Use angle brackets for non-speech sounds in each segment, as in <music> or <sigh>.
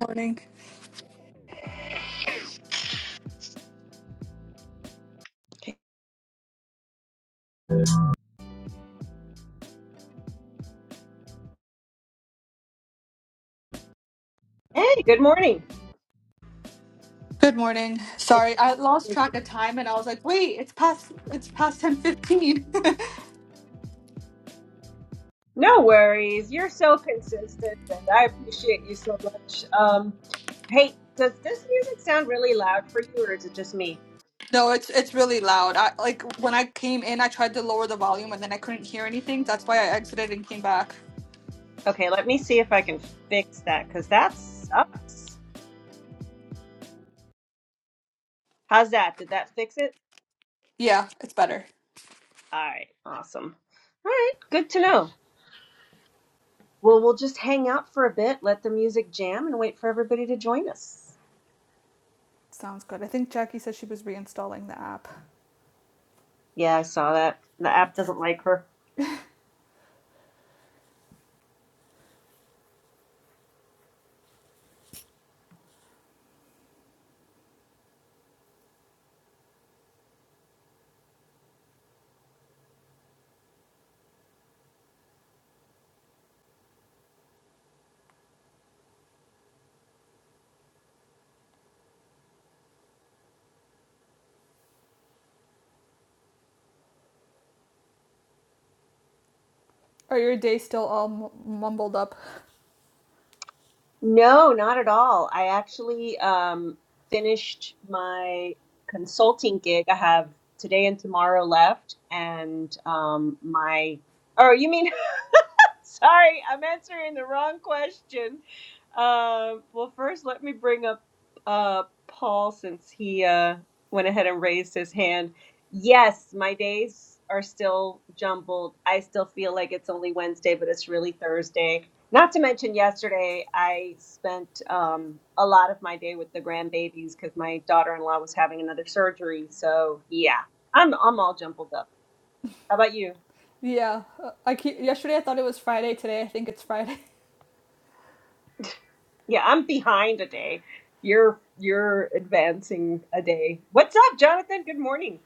Morning. Hey, good morning. Good morning. It- Sorry, I lost it- track of time and I was like, wait, it's past it's past ten fifteen. <laughs> No worries. You're so consistent, and I appreciate you so much. Um, hey, does this music sound really loud for you, or is it just me? no, it's it's really loud. I like when I came in I tried to lower the volume and then I couldn't hear anything. That's why I exited and came back. Okay, let me see if I can fix that, because that sucks. How's that? Did that fix it? Yeah, it's better. All right, awesome. All right, good to know. Well, we'll just hang out for a bit, let the music jam, and wait for everybody to join us. Sounds good. I think Jackie said she was reinstalling the app. Yeah, I saw that. The app doesn't like her. Are your days still all m- mumbled up? No, not at all. I actually um, finished my consulting gig. I have today and tomorrow left, and um, my, or you mean Sorry, I'm answering the wrong question. Uh, well, first, let me bring up uh, Paul since he uh, went ahead and raised his hand. Yes, my days are still jumbled. I still feel like it's only Wednesday, but it's really Thursday. Not to mention, yesterday I spent um, a lot of my day with the grandbabies because my daughter in law was having another surgery. So, yeah, I'm, I'm all jumbled up. How about you? Yeah. uh, I keep, yesterday I thought it was Friday. Today I think it's Friday. <laughs> Yeah, I'm behind a day. You're you're advancing a day. What's up, Jonathan? Good morning.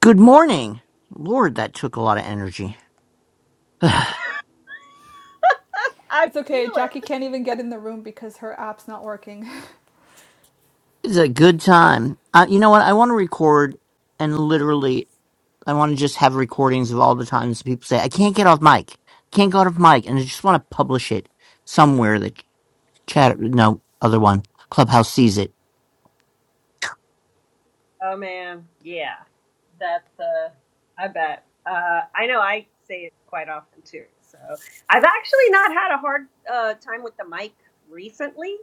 Good morning. Lord, that took a lot of energy. <sighs> it's I It's feel okay. Jackie it. can't even get in the room because her app's not working. <laughs> a good time. Uh, you know what? I want to record and literally, I want to just have recordings of all the times people say, I can't get off mic. Can't get off mic. And I just want to publish it somewhere that chat, no, other one, Clubhouse sees it. Oh man, yeah. That's uh I bet. Uh I know I say it quite often too. So I've actually not had a hard uh time with the mic recently.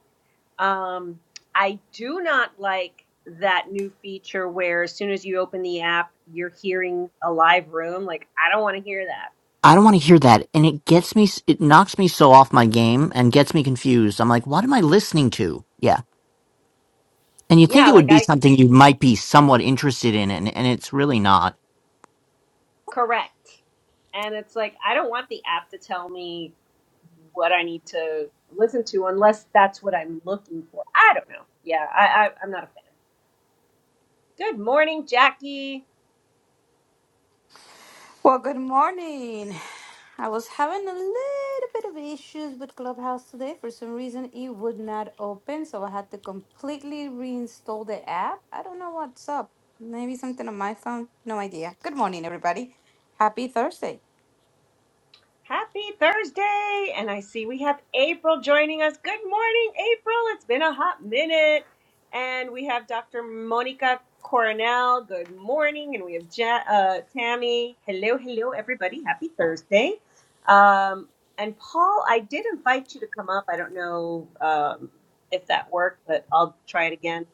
Um I do not like that new feature where as soon as you open the app, you're hearing a live room. Like I don't want to hear that. I don't want to hear that. And it gets me, s- it knocks me so off my game and gets me confused. I'm like, what am I listening to? Yeah. And you think Yeah, it would like be I something you might be somewhat interested in, and, and it's really not. Correct. And it's like, I don't want the app to tell me what I need to listen to unless that's what I'm looking for. I don't know. Yeah, I, I I'm not a fan. Good morning, Jackie. Well, good morning. I was having a little bit of issues with Clubhouse today. For some reason, it would not open, so I had to completely reinstall the app. I don't know what's up. Maybe something on my phone. No idea. Good morning, everybody. Happy Thursday. Happy Thursday! And I see we have April joining us. Good morning, April. It's been a hot minute. And we have Dr. Monica Coronel. Good morning. And we have ja- uh, Tammy. Hello, hello, everybody. Happy Thursday. Um, and Paul, I did invite you to come up. I don't know um, if that worked, but I'll try it again.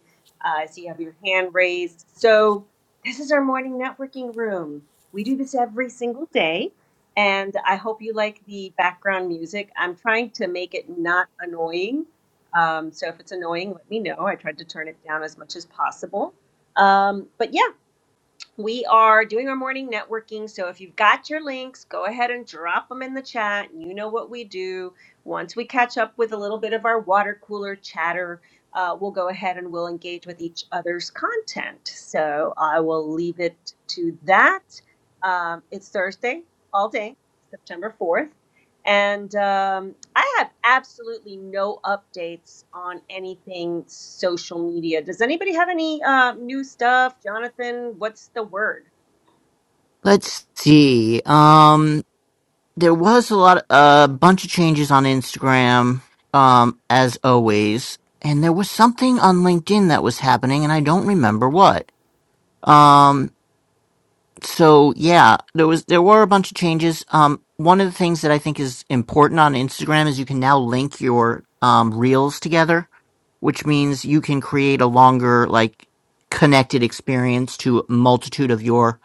Uh, I see you have your hand raised. So, this is our morning networking room. We do this every single day and I hope you like the background music. I'm trying to make it not annoying. Um, so if it's annoying, let me know. I tried to turn it down as much as possible. Um, but yeah, we are doing our morning networking. So if you've got your links, go ahead and drop them in the chat. You know what we do. Once we catch up with a little bit of our water cooler chatter, uh, we'll go ahead and we'll engage with each other's content. So I will leave it to that. Um, it's Thursday all day, September 4th. And um, I have absolutely no updates on anything social media. Does anybody have any uh, new stuff? Jonathan, what's the word? Let's see. Um, there was a lot, a bunch of changes on Instagram, um, as always, and there was something on LinkedIn that was happening, and I don't remember what. Um, so yeah, there was there were a bunch of changes. Um, one of the things that I think is important on Instagram is you can now link your um reels together, which means you can create a longer like connected experience to a multitude of your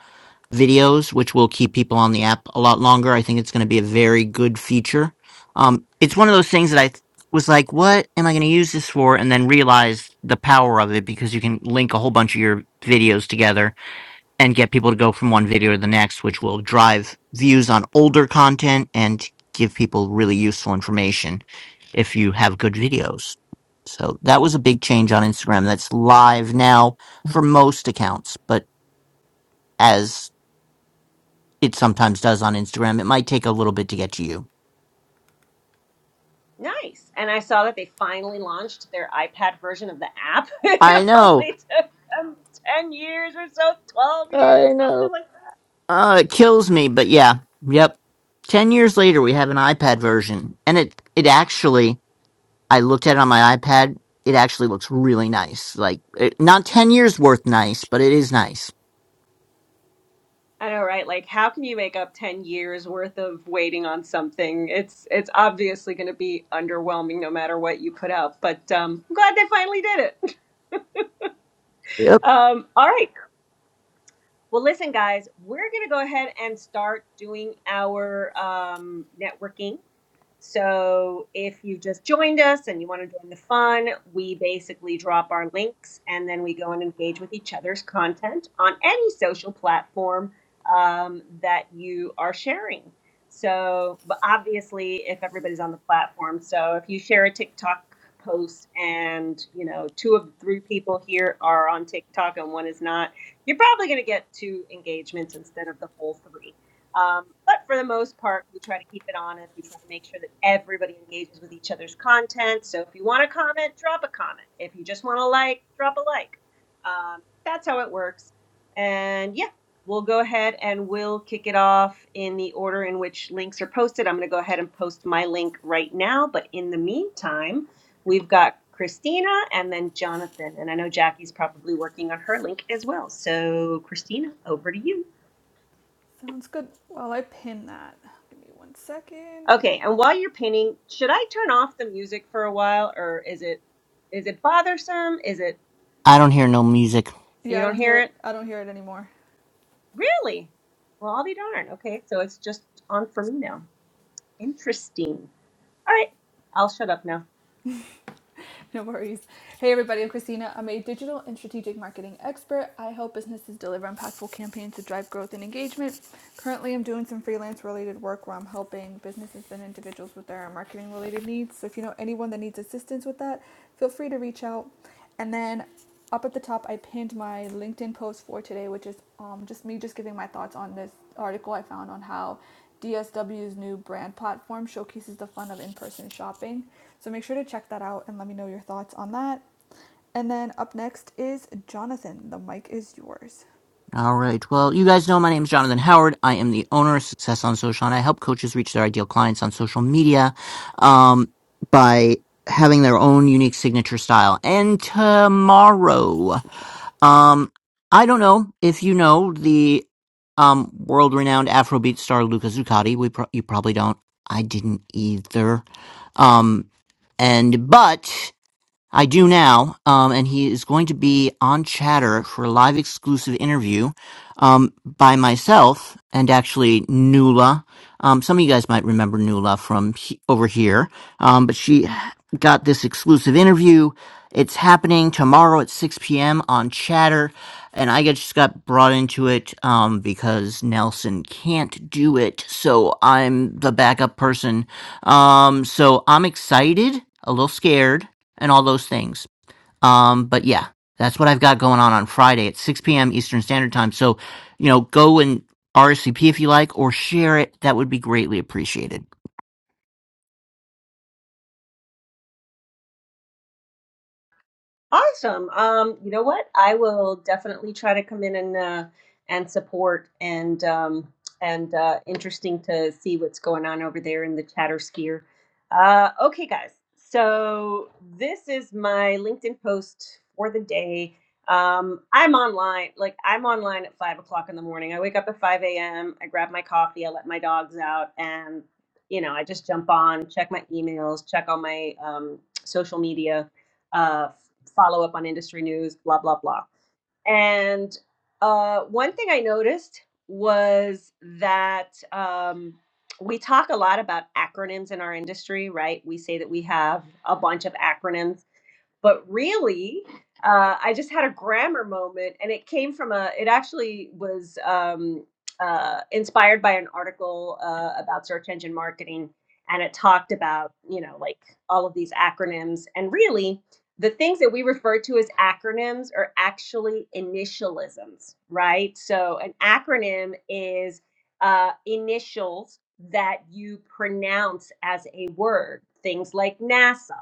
videos, which will keep people on the app a lot longer. I think it's going to be a very good feature. Um, it's one of those things that I th- was like, what am I going to use this for? And then realized the power of it because you can link a whole bunch of your videos together and get people to go from one video to the next, which will drive views on older content and give people really useful information if you have good videos. So that was a big change on Instagram. That's live now for most accounts, but as it sometimes does on Instagram. It might take a little bit to get to you. Nice. And I saw that they finally launched their iPad version of the app. <laughs> I it know. only took them 10 years or so, 12 years, I know. something like that. Uh, it kills me, but yeah. Yep. 10 years later, we have an iPad version. And it, it actually, I looked at it on my iPad. It actually looks really nice. Like, it, not 10 years worth nice, but it is nice. I know, right? Like how can you make up 10 years worth of waiting on something? It's it's obviously going to be underwhelming no matter what you put out, but um I'm glad they finally did it. <laughs> Yep. Um all right. Well, listen, guys, we're going to go ahead and start doing our um, networking. So, if you just joined us and you want to join the fun, we basically drop our links and then we go and engage with each other's content on any social platform um, that you are sharing. So, but obviously, if everybody's on the platform, so if you share a TikTok post and you know two of the three people here are on TikTok and one is not you're probably going to get two engagements instead of the whole three. Um, but for the most part, we try to keep it honest. We try to make sure that everybody engages with each other's content. So if you want to comment, drop a comment. If you just want to like, drop a like. Um, that's how it works. And yeah, we'll go ahead and we'll kick it off in the order in which links are posted. I'm going to go ahead and post my link right now. But in the meantime, We've got Christina and then Jonathan. And I know Jackie's probably working on her link as well. So, Christina, over to you. Sounds good. Well, I pin that. Give me one second. Okay, and while you're painting, should I turn off the music for a while or is it is it bothersome? Is it I don't hear no music. you Yeah, I don't don't hear hear it. it? I don't hear it anymore. <laughs> Really? Well, I'll be darned. Okay, so it's just on for me now. Interesting. All right, I'll shut up now. No worries. Hey, everybody. I'm Christina. I'm a digital and strategic marketing expert. I help businesses deliver impactful campaigns to drive growth and engagement. Currently, I'm doing some freelance related work where I'm helping businesses and individuals with their marketing related needs. So, if you know anyone that needs assistance with that, feel free to reach out. And then up at the top i pinned my linkedin post for today which is um, just me just giving my thoughts on this article i found on how dsw's new brand platform showcases the fun of in-person shopping so make sure to check that out and let me know your thoughts on that and then up next is jonathan the mic is yours All right. Well, you guys know my name is Jonathan Howard. I am the owner of Success on Social, and I help coaches reach their ideal clients on social media um, by having their own unique signature style. And tomorrow, um, I don't know if you know the um, world-renowned Afrobeat star Luca Zuccotti. We pro- you probably don't. I didn't either. Um, and but. I do now, um, and he is going to be on Chatter for a live exclusive interview um, by myself and actually Nula. Um, some of you guys might remember Nula from he- over here, um, but she got this exclusive interview. It's happening tomorrow at 6 p.m. on Chatter, and I get- just got brought into it um, because Nelson can't do it, so I'm the backup person. Um, so I'm excited, a little scared and all those things. Um, but yeah, that's what I've got going on on Friday at 6 p.m. Eastern Standard Time. So, you know, go and RSVP if you like or share it. That would be greatly appreciated. Awesome. Um, you know what? I will definitely try to come in and uh, and support and um, and uh, interesting to see what's going on over there in the chatter skier. Uh, okay, guys. So this is my LinkedIn post for the day. Um, I'm online. Like I'm online at five o'clock in the morning. I wake up at five a.m. I grab my coffee. I let my dogs out, and you know, I just jump on, check my emails, check all my um, social media uh follow up on industry news, blah, blah, blah. And uh, one thing I noticed was that um, we talk a lot about acronyms in our industry, right? We say that we have a bunch of acronyms but really, uh, I just had a grammar moment, and it came from a. It actually was um, uh, inspired by an article uh, about search engine marketing, and it talked about you know like all of these acronyms, and really the things that we refer to as acronyms are actually initialisms, right? So an acronym is uh, initials that you pronounce as a word, things like NASA,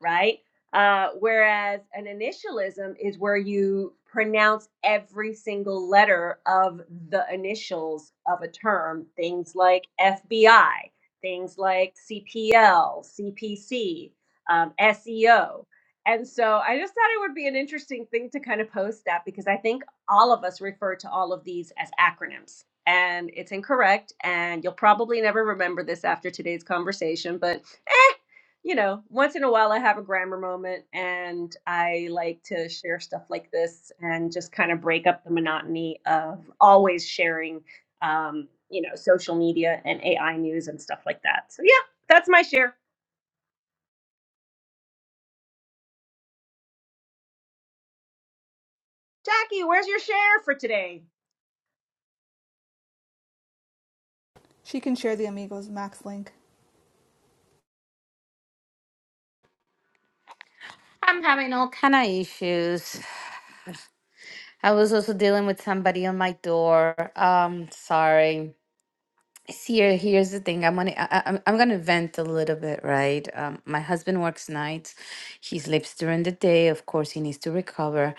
right? Uh, whereas an initialism is where you pronounce every single letter of the initials of a term, things like FBI, things like CPL, CPC, um, SEO. And so I just thought it would be an interesting thing to kind of post that because I think all of us refer to all of these as acronyms. And it's incorrect, and you'll probably never remember this after today's conversation, but eh, you know, once in a while I have a grammar moment and I like to share stuff like this and just kind of break up the monotony of always sharing, um, you know, social media and AI news and stuff like that. So, yeah, that's my share. Jackie, where's your share for today? she can share the amigos max link I'm having all kind of issues. I was also dealing with somebody on my door. Um, sorry. Here, here's the thing. I'm gonna, I, I- I'm, I'm gonna vent a little bit, right? Um, my husband works nights. He sleeps during the day. Of course, he needs to recover,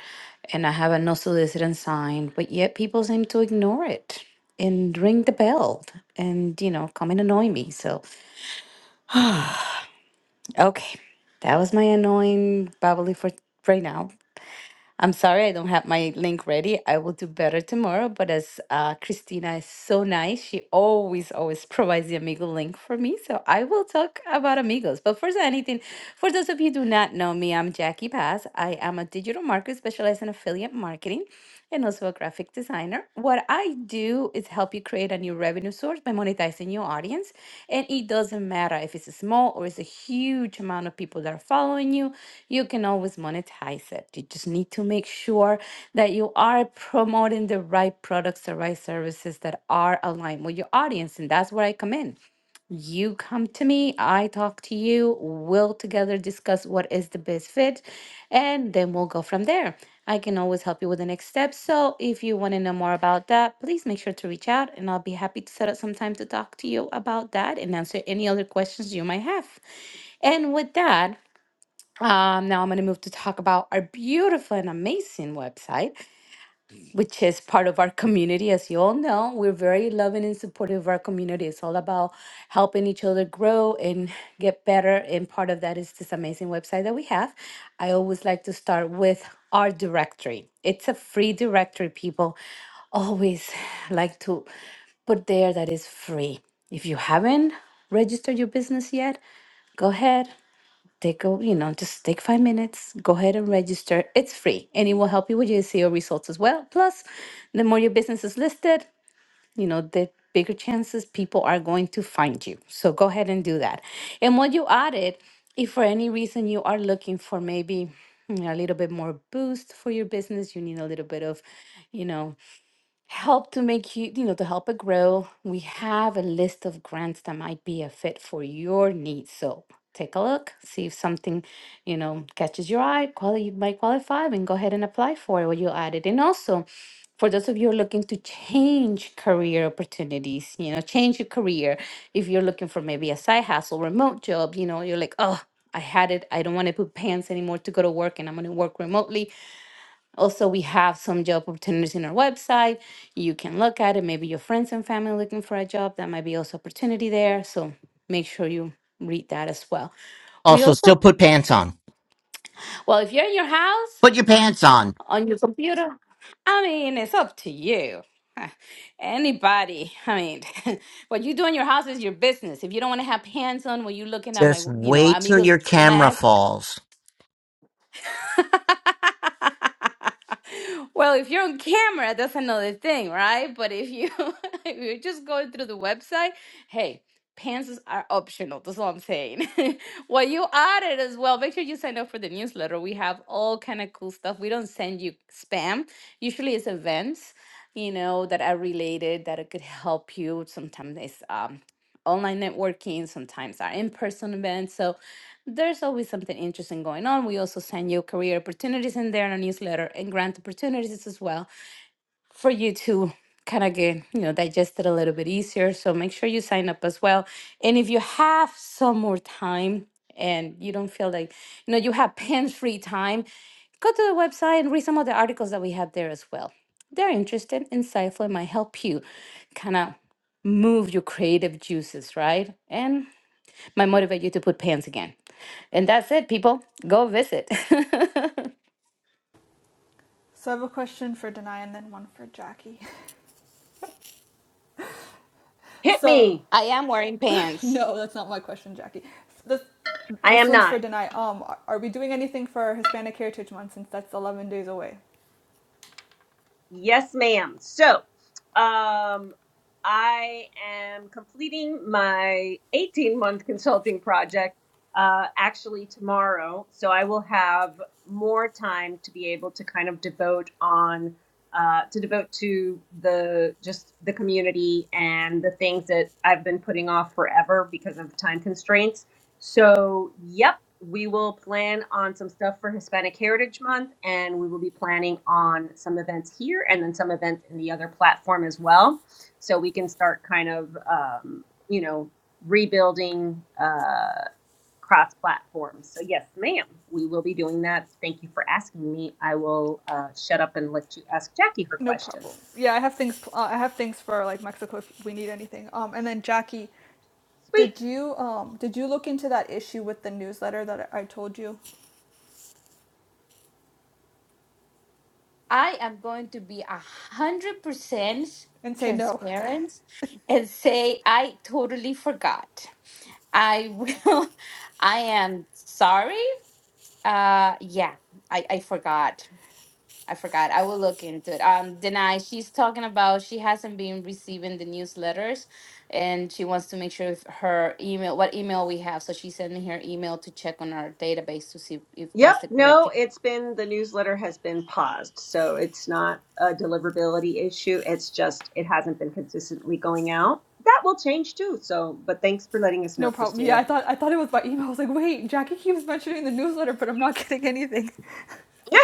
and I have a no soliciting sign, but yet people seem to ignore it and ring the bell and you know come and annoy me. So, okay, that was my annoying babbly for right now. I'm sorry I don't have my link ready. I will do better tomorrow. But as uh, Christina is so nice, she always, always <laughs> provides the Amigo link for me. So I will talk about Amigos. But first, than anything, for those of you who do not know me, I'm Jackie Paz. I am a digital marketer specialized in affiliate marketing and also a graphic designer. What I do is help you create a new revenue source by monetizing your audience. And it doesn't matter if it's small or it's a huge amount of people that are following you, you can always monetize it. You just need to make sure that you are promoting the right products, the right services that are aligned with your audience. And that's where I come in. You come to me, I talk to you, we'll together discuss what is the best fit, and then we'll go from there. I can always help you with the next step. So if you want to know more about that, please make sure to reach out and I'll be happy to set up some time to talk to you about that and answer any other questions you might have. And with that, um, now I'm going to move to talk about our beautiful and amazing website which is part of our community. As you all know, we're very loving and supportive of our community. It's all about helping each other grow and get better. And part of that is this amazing website that we have. I always like to start with our directory. It's a free directory, people always like to put there that is free. If you haven't registered your business yet, go ahead, take a, you know, just take five minutes, go ahead and register. It's free and it will help you with your SEO results as well. Plus, the more your business is listed, you know, the bigger chances people are going to find you. So go ahead and do that. And what you added, if for any reason you are looking for maybe you know, a little bit more boost for your business, you need a little bit of, you know, help to make you, you know, to help it grow, we have a list of grants that might be a fit for your needs. So take a look, see if something, you know, catches your eye, quali- you might qualify, and go ahead and apply for it when you add it. And also, for those of you who are looking to change career opportunities, you know, change your career. If you're looking for maybe a side hustle, remote job, you know, you're like, oh, I had it. I don't want to put pants anymore to go to work and I'm going to work remotely also, we have some job opportunities in our website. You can look at it. Maybe your friends and family looking for a job. That might be also opportunity there. So make sure you read that as well. We Also, also, still put pants on. well, if you're in your house Put your pants on. on your computer, I mean, it's up to you. <laughs> Anybody, I mean, <laughs> what you do in your house is your business. If you don't want to have hands on, when you looking at my, Just you know, wait till amigos your camera Max, falls. <laughs> well, if you're on camera, that's another thing, right? But if you <laughs> if you're just going through the website, hey, pants are optional. That's all I'm saying. <laughs> well, you added as well. Make sure you sign up for the newsletter. We have all kind of cool stuff. We don't send you spam. Usually, it's events, you know, that are related that it could help you. Sometimes it's um, online networking. Sometimes our in person events. So there's always something interesting going on. We also send you career opportunities in there in a newsletter and grant opportunities as well for you to kind of get, you know, digest it a little bit easier. So make sure you sign up as well. And if you have some more time and you don't feel like, you know, you have <laughs> pen-free time, go to the website and read some of the articles that we have there as well. They're interesting, insightful, and might help you kind of move your creative juices, right? And might motivate you to put pants again. And that's it, people. Go visit. <laughs> so i have a question for denai and then one for jackie <laughs> Hit so me. I am wearing <laughs> pants. No, that's not my question, Jackie. This I this am one's not. for Denai. Um, are- we doing anything for Hispanic Heritage Month since that's eleven days away? Yes, ma'am. So, um, I am completing my 18 month consulting project uh, actually tomorrow. So, I will have more time to be able to kind of devote on. Uh, to devote to the just the community and the things that I've been putting off forever because of time constraints. So, yep, we will plan on some stuff for Hispanic Heritage Month, and we will be planning on some events here and then some events in the other platform as well. So we can start kind of, um, you know, rebuilding uh, cross platforms. So, yes, ma'am, we will be doing that. Thank you for asking me. I will uh, shut up and let you ask Jackie her No question. problem. Yeah, I have things. Uh, I have things for like Mexico if we need anything. Um, and then Jackie, Sweet. did you um did you look into that issue with the newsletter that I I told you I am going to be a hundred percent and say no, transparent and say I totally forgot. I will. <laughs> I am sorry. Uh, yeah, I I forgot. I forgot. I will look into it. Um, Denai, she's talking about she hasn't been receiving the newsletters, and she wants to make sure if her email, what email we have. So she's sending her email to check on our database to see if Yep. that's the correct. No, e- it's been the newsletter has been paused. So it's not a deliverability issue. It's just it hasn't been consistently going out. That will change too. So, but thanks for letting us know, no problem? Yeah, I Christina. thought I thought it was by email. I was like, wait, Jackie keeps mentioning the newsletter, but I'm not getting anything. <laughs> <laughs>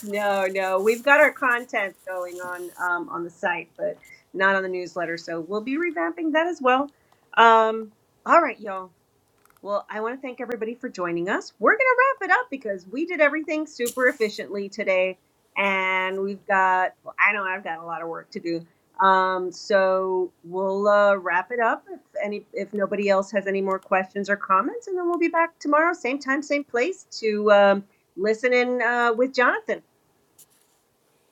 No, no, we've got our content going on um, on the site, but not on the newsletter. So we'll be revamping that as well. Um, all right, y'all. Well, I want to thank everybody for joining us. We're going to wrap it up because we did everything super efficiently today. And we've got, well, I know I've got a lot of work to do. Um, so we'll uh, wrap it up if any if nobody else has any more questions or comments, and then we'll be back tomorrow, same time, same place to um, listen in uh, with Jonathan.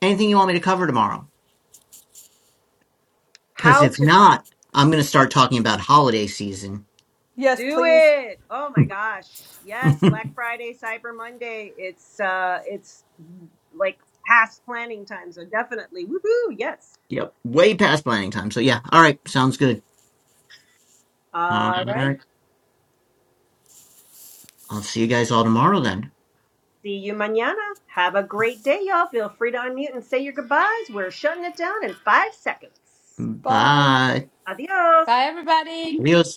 Anything you want me to cover tomorrow? Because How to if not, I'm going to start talking about holiday season. Yes, Do please. it. Oh my gosh. Yes, Black <laughs> Friday, Cyber Monday. It's uh it's mm, like past planning time, so definitely. Woohoo, yes. yep. Way past planning time. So, yeah. All right. Sounds good. All All right. right. I'll see you guys all tomorrow then. See you mañana. Have a great day, y'all. Feel free to unmute and say your goodbyes. We're shutting it down in five seconds. Bye. Bye. Adios. Bye, everybody. Adios.